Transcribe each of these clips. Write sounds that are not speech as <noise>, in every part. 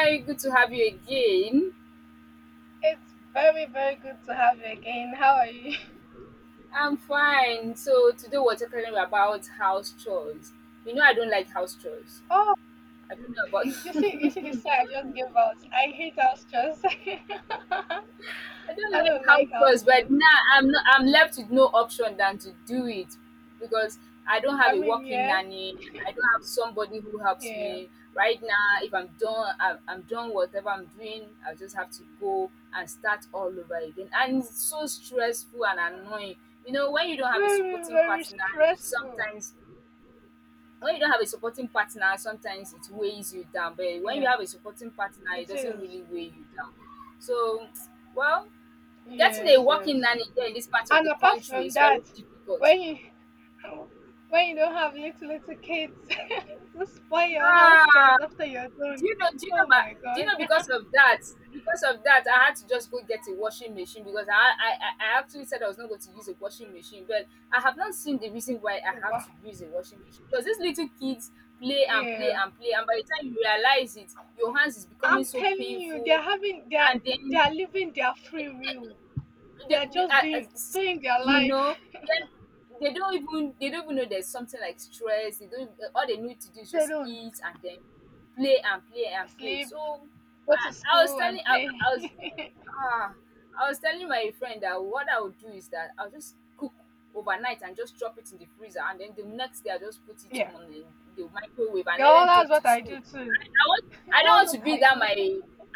Very good to have you again. It's very, very good to have you again. How are you? <laughs> I'm fine. So today we're talking about house chores. You know I don't like house chores. Oh, I don't know you see the about <laughs> sigh I just gave out. I hate house chores. I <laughs> don't I like don't how it like house was, but chores. now I'm left with no option than to do it because I don't have I a mean, working yeah, nanny. I don't have somebody who helps yeah, me right now. If I'm done, I'm done whatever I'm doing. I just have to go and start all over again, and it's so stressful and annoying. You know, when you don't have a very, supporting very partner, it stressful. sometimes when you don't have a supporting partner, sometimes it weighs you down. But when you Yeah, have a supporting partner, it it doesn't is. really weigh you down. So, well, Getting a Yes, yes. working nanny here in this part of And the apart country from is very that, difficult. when you <laughs> when you don't have little little kids <laughs> to spoil your house Ah, chores after you're do done, you know? Do you know? oh my But do you God. know? <laughs> Because of that, I had to just go get a washing machine because I actually said I was not going to use a washing machine, but I have not seen the reason why I have Wow. to use a washing machine because these little kids play and play Yeah. and play, and by the time you realize it, your hands is becoming I'm so telling you, painful, they're and then they're living their free will. They're they, just I- doing s- doing their you life. know then they don't even know there's something like stress. They don't, all they need to do <laughs> is They just don't eat and then play and play and play. sleep, So go i, to I was school telling and I, play. I was Ah, I was telling my friend that what I would do is that I'll just cook overnight and just drop it in the freezer, and then the next day I'll just put it <laughs> Yeah. on the microwave and let Girl, them that's take to what I school. do too. <laughs> I don't That's want to what be I that do. my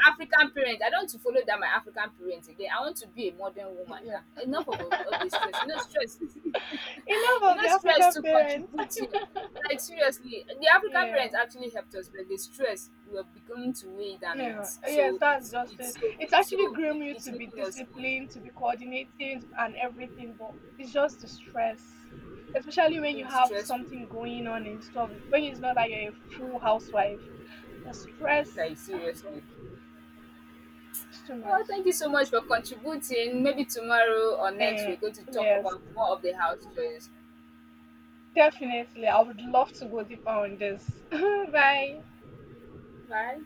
African parent. I don't want to follow that my African parents again. I want to be a modern <laughs> woman Yeah. now. Enough of all the stress. You know, stress. <laughs> <laughs> You Enough of know, the stress African to parents. contribute. You, like, seriously, the <laughs> African Yeah. parents actually helped us, but the stress we are beginning to weigh down, and Yeah, yes, that's just it. It's actually groom you it's to be making us old. disciplined, to be coordinated, and everything, but it's just the stress, especially when you It's have stressful, something going on and stuff. When it's not like you're a full housewife, the stress, like, ah, God, seriously. it's too Well, much. thank you so much for contributing. Maybe tomorrow or next we're Eh, going to talk yes, about more of the house chores. definitely. I would love to go deeper on this. <laughs> Bye. Bye.